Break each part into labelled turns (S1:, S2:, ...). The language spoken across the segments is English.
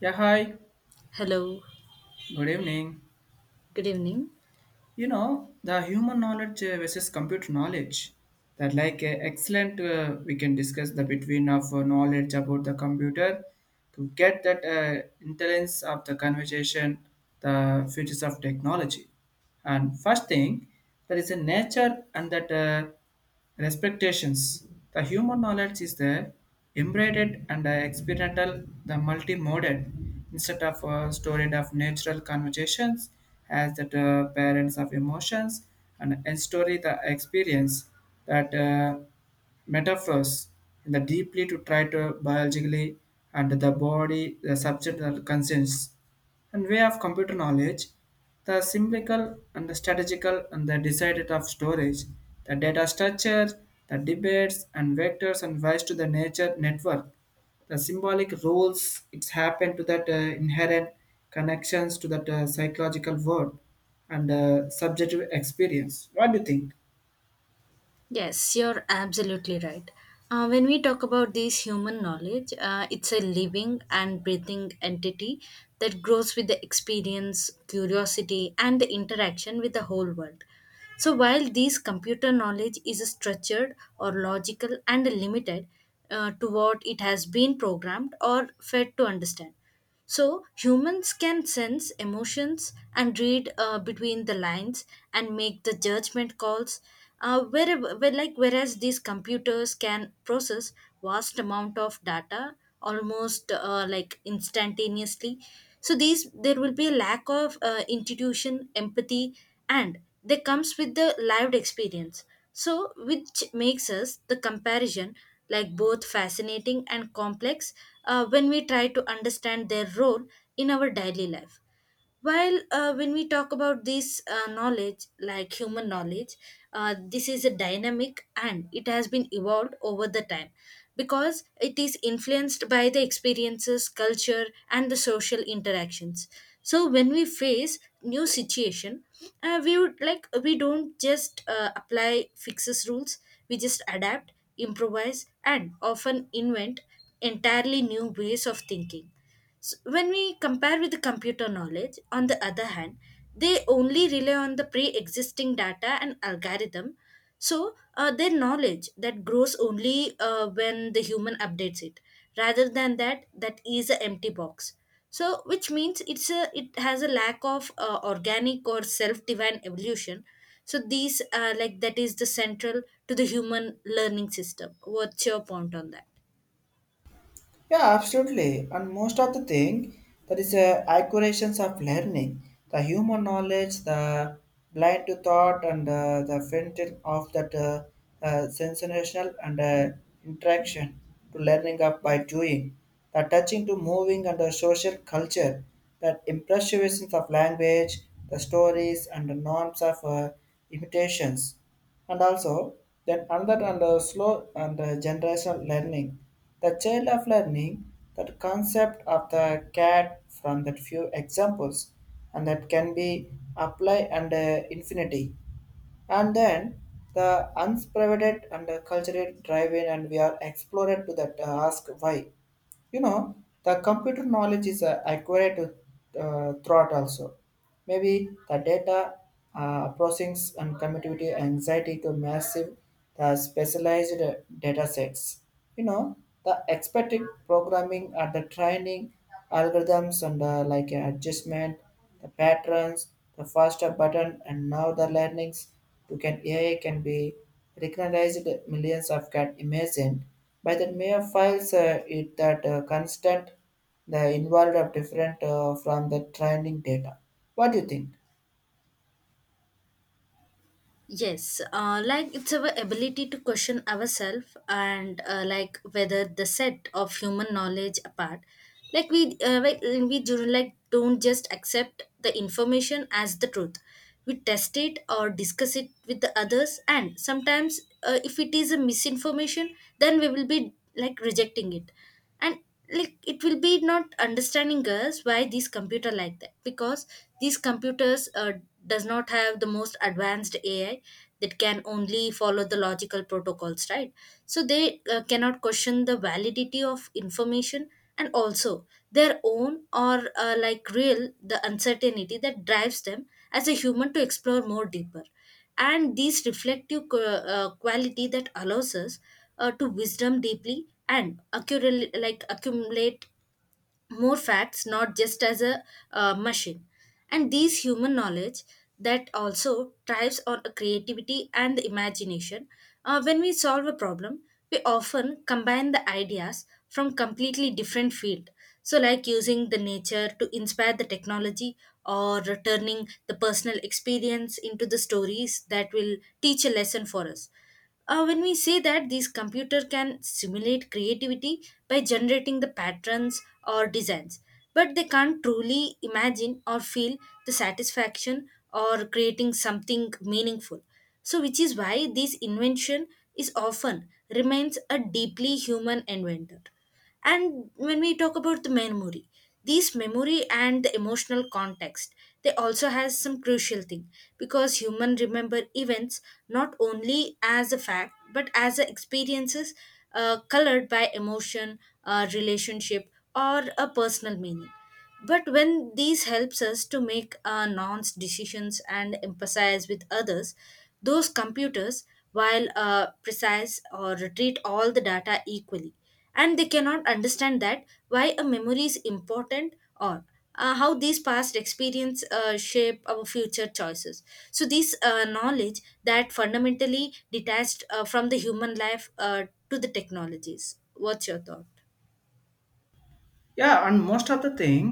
S1: Yeah, hi.
S2: Hello,
S1: Good evening.
S2: good evening.
S1: The human knowledge versus computer knowledge. That like excellent we can discuss the between of knowledge about the computer to get that intelligence of the conversation, the features of technology. And first thing, there is a nature and that respectations. The human knowledge is the embedded and experimental, the multimodal, instead of storage of natural conversations as that parents of emotions and story the experience that metaphors in the deeply to try to biologically and the body the subject consents and way of computer knowledge, the symbolical and the strategical and the decided of storage, the data structure, the debates and vectors and vice to the nature network, the symbolic rules it's happened to that inherent connections to that psychological world and subjective experience. What do you think?
S2: Yes, you're absolutely right. When we talk about this human knowledge, it's a living and breathing entity that grows with the experience, curiosity, and the interaction with the whole world. So, while this computer knowledge is structured or logical and limited to what it has been programmed or fed to understand, so, humans can sense emotions and read between the lines and make the judgment calls. Whereas these computers can process vast amount of data almost like instantaneously. So these there will be a lack of intuition, empathy, and they comes with the lived experience. So which makes us the comparison like both fascinating and complex when we try to understand their role in our daily life. While when we talk about this knowledge, like human knowledge, this is a dynamic and it has been evolved over the time because it is influenced by the experiences, culture, and the social interactions. So when we face new situation, we would like we don't just apply fixes rules. We just adapt, improvise, and often invent entirely new ways of thinking. S when we compare with the computer knowledge, on the other hand, they only rely on the pre existing data and algorithm. So, their knowledge that grows only when the human updates it, rather than that, that is an empty box. So, which means it's a it has a lack of organic or self divine evolution. So, these like that is the central to the human learning system. What's your point on that?
S1: Yeah, absolutely. And most of the thing that is accurations of learning, the human knowledge, the blind to thought, and the fountain of that sensational and interaction to learning up by doing, the touching to moving and the social culture, that impressions of language, the stories and the norms of imitations and also then another and slow and generational learning the child of learning that concept of the cat from that few examples and that can be applied and infinity and then the unprivate and cultural driving, and we are explored to that ask why you know the computer knowledge is acquired throughout also maybe the data processing and connectivity anxiety to massive the specialized data sets you know the expected programming at the training algorithms and like adjustment the patterns the faster button and now the learnings to can AI can be recognized millions of can imagine by the mere files, it that constant the involved of different from the training data. What do you think?
S2: Yes, like it's our ability to question ourselves and like whether the set of human knowledge apart, like, we do like don't just accept the information as the truth. We test it or discuss it with the others, and sometimes if it is a misinformation, then we will be like rejecting it and like it will be not understanding us why these computer like that because these computers does not have the most advanced ai that can only follow the logical protocols, right? So they cannot question the validity of information and also their own or like real the uncertainty that drives them as a human to explore more deeper and these quality that allows us to wisdom deeply and accurately like accumulate more facts not just as a machine. And these human knowledge that also thrives on a creativity and the imagination. When we solve a problem we often combine the ideas from completely different field, so like using the nature to inspire the technology or turning the personal experience into the stories that will teach a lesson for us. When we say that these computer can simulate creativity by generating the patterns or designs, but they can't truly imagine or feel the satisfaction or creating something meaningful. So, which is why this invention is often remains a deeply human inventor. And when we talk about the memory, these memory and the emotional context, they also has some crucial thing because human remember events not only as a fact but as a experiences colored by emotion, relationship, or a personal meaning. But when these helps us to make nuanced decisions and emphasize with others, those computers, while precise or treat all the data equally, and they cannot understand that why a memory is important or how these past experience shape our future choices. So this knowledge that fundamentally detached from the human life to the technologies. What's your thought?
S1: Yeah and most of the thing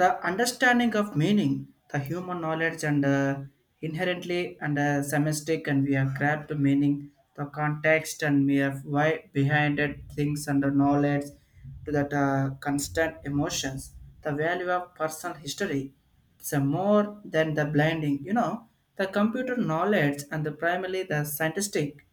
S1: the understanding of meaning the human knowledge and inherently and semistic and we have grabbed the meaning the context and we have why behind it things and the knowledge to that constant emotions the value of personal history it's a more than the blinding. The computer knowledge and the primarily the scientific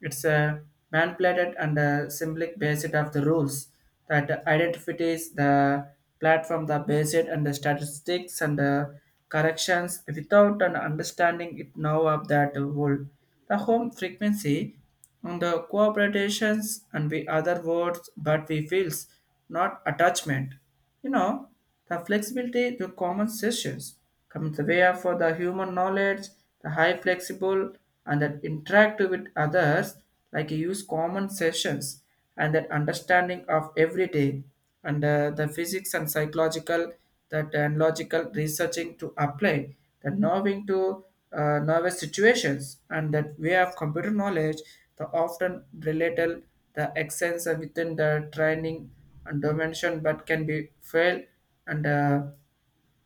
S1: it's a manipulated and a symbolic basis of the rules that identifies the platform, the basis and the statistics and the corrections without an understanding it now of that world. The home frequency on the cooperations and the other words, but we feels not attachment. You know, the flexibility to common sessions comes the way for the human knowledge, the high flexible and that interactive with others, like you use common sessions and that understanding of every day and the physics and psychological that and logical researching to apply the knowing to nervous situations and that way of computer knowledge the often related the accents are within the training and dimension but can be failed and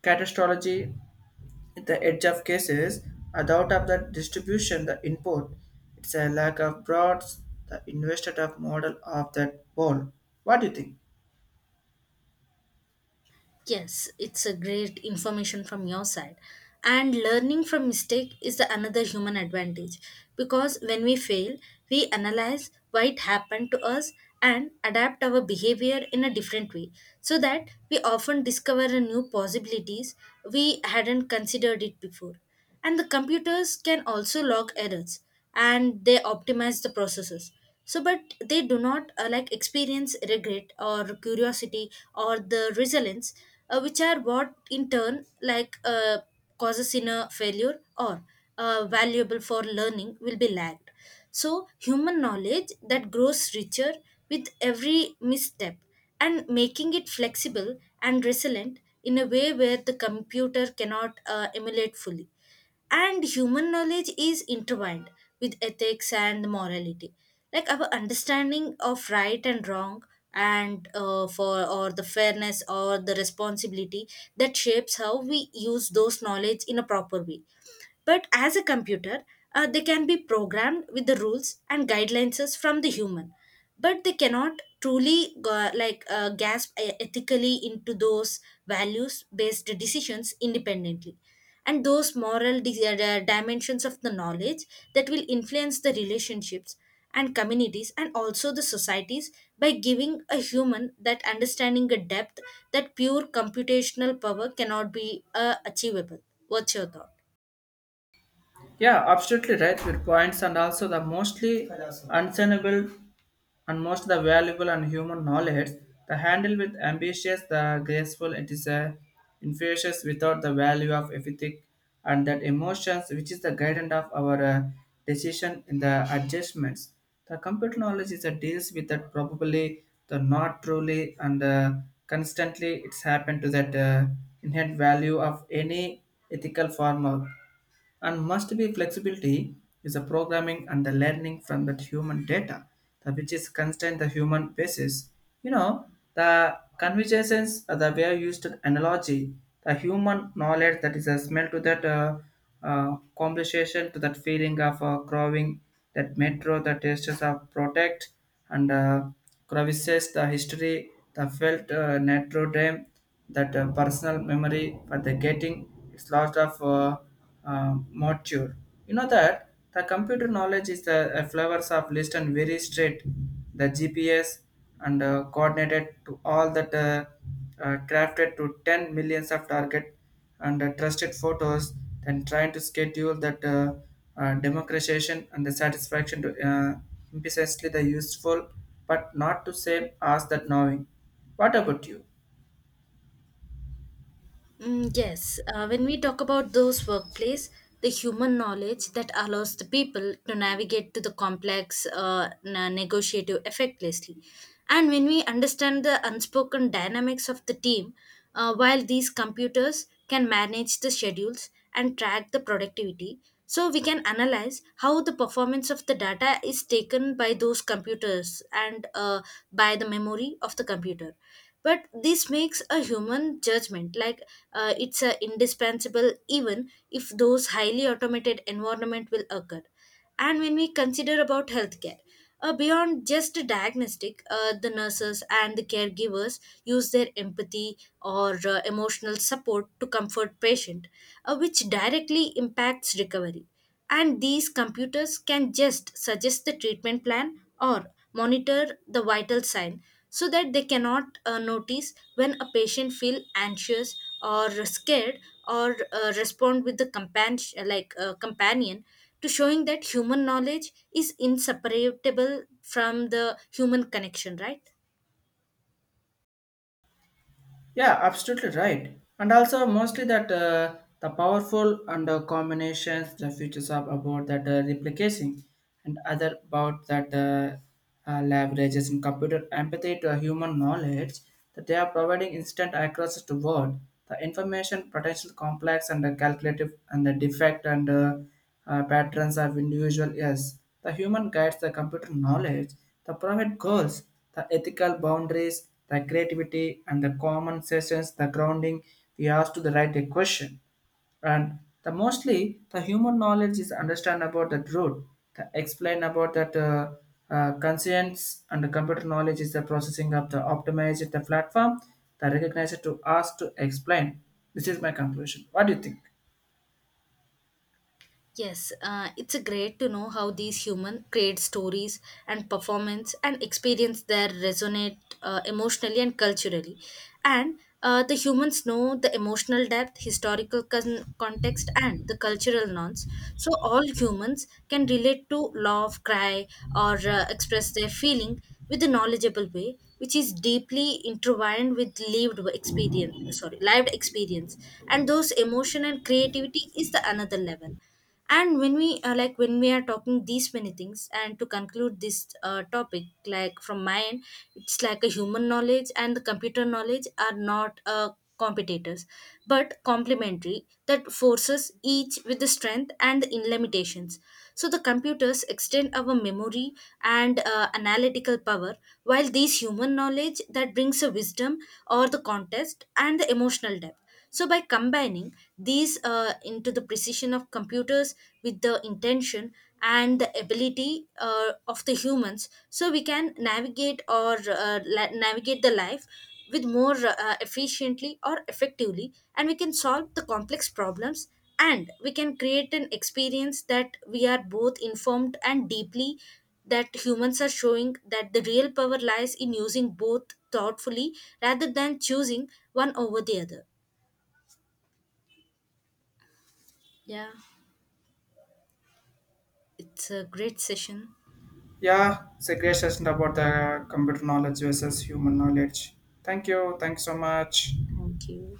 S1: catastrophe at the edge of cases a doubt of the distribution the input it's a lack of broads the invested of model of that ball What do you think?
S2: Yes, it's a great information from your side. And learning from mistake is the another human advantage because when we fail, we analyze why it happened to us and adapt our behavior in a different way so that we often discover a new possibilities we hadn't considered it before. And the computers can also log errors and they optimize the processes, so but they do not like experience regret or curiosity or the resilience which are what in turn causes in a failure or valuable for learning will be lagged. So human knowledge that grows richer with every misstep and making it flexible and resilient in a way where the computer cannot emulate fully. And human knowledge is intertwined with ethics and morality. Like our understanding of right and wrong and for or the fairness or the responsibility that shapes how we use those knowledge in a proper way, but as a computer, they can be programmed with the rules and guidelines from the human. But they cannot truly gasp e- ethically into those values based decisions independently and those dimensions of the knowledge that will influence the relationships and communities and also the societies by giving a human that understanding a depth that pure computational power cannot be achievable. What's your thought?
S1: Yeah, absolutely right. Your points and also the mostly unsignable and most the valuable and human knowledge. The handle with ambitious, the graceful, it is a infectious without the value of ethic and that emotions, which is the guidance of our decision in the adjustments. The computer knowledge is a deals with that probably the not truly and constantly it's happened to that inherent value of any ethical form of and must be flexibility is the programming and the learning from that human data the, which is constant the human basis you know the conversations are the way used to analogy the human knowledge that is a smell to that conversation to that feeling of growing that metro the tastes of protect and crevices the history the felt natural time that personal memory for the getting is lost of mature. You know that the computer knowledge is the flavors of list and very straight. The GPS and coordinated to all that crafted to 10 millions of target and trusted photos then trying to schedule that democratization and the satisfaction to precisely the useful but not to same as that knowing. What about you?
S2: Mm, yes, when we talk about those workplace, the human knowledge that allows the people to navigate to the complex negotiative effectively. And when we understand the unspoken dynamics of the team, while these computers can manage the schedules and track the productivity, so we can analyze how the performance of the data is taken by those computers and by the memory of the computer, but this makes a human judgment like it's a indispensable even if those highly automated environment will occur. And when we consider about healthcare, beyond just a diagnostic, the nurses and the caregivers use their empathy or emotional support to comfort patient, which directly impacts recovery. And these computers can just suggest the treatment plan or monitor the vital sign so that they cannot notice when a patient feel anxious or scared or respond with the companion companion, to showing that human knowledge is inseparable from the human connection, right?
S1: Yeah, absolutely right. And also, mostly that the powerful and combinations, the features of about that replicating and other about that leverages in computer empathy to human knowledge that they are providing instant access to word, the information potential complex and the calculative and the defect and patterns of individual. Yes, the human guides the computer knowledge the private goals, the ethical boundaries, the creativity and the common sessions, the grounding, we ask to the right a question. And the mostly the human knowledge is understand about that root, the explain about that conscience and the computer knowledge is the processing of the optimize the platform, the recognize to ask to explain. This is my conclusion. What do you think?
S2: Yes, it's a great to know how these humans create stories and performance and experience that resonate emotionally and culturally. And the humans know the emotional depth, context, and the cultural norms. So all humans can relate to love, cry, or express their feeling with a knowledgeable way, which is deeply intertwined with lived experience. Sorry, lived experience, and those emotion and creativity is the another level. And when we when we are talking these many things and to conclude this topic like from my end, it's like a human knowledge and the computer knowledge are not competitors but complementary that forces each with the strength and the limitations. So the computers extend our memory and analytical power, while these human knowledge that brings a wisdom or the context and the emotional depth. So, by combining these into the precision of computers with the intention and the ability of the humans, so we can navigate or navigate the life with more efficiently or effectively, and we can solve the complex problems and we can create an experience that we are both informed and deeply that humans are showing that the real power lies in using both thoughtfully rather than choosing one over the other. Yeah, it's a great session.
S1: Yeah, it's a great session about the computer knowledge versus human knowledge. Thank you. Thanks so much.
S2: Thank you.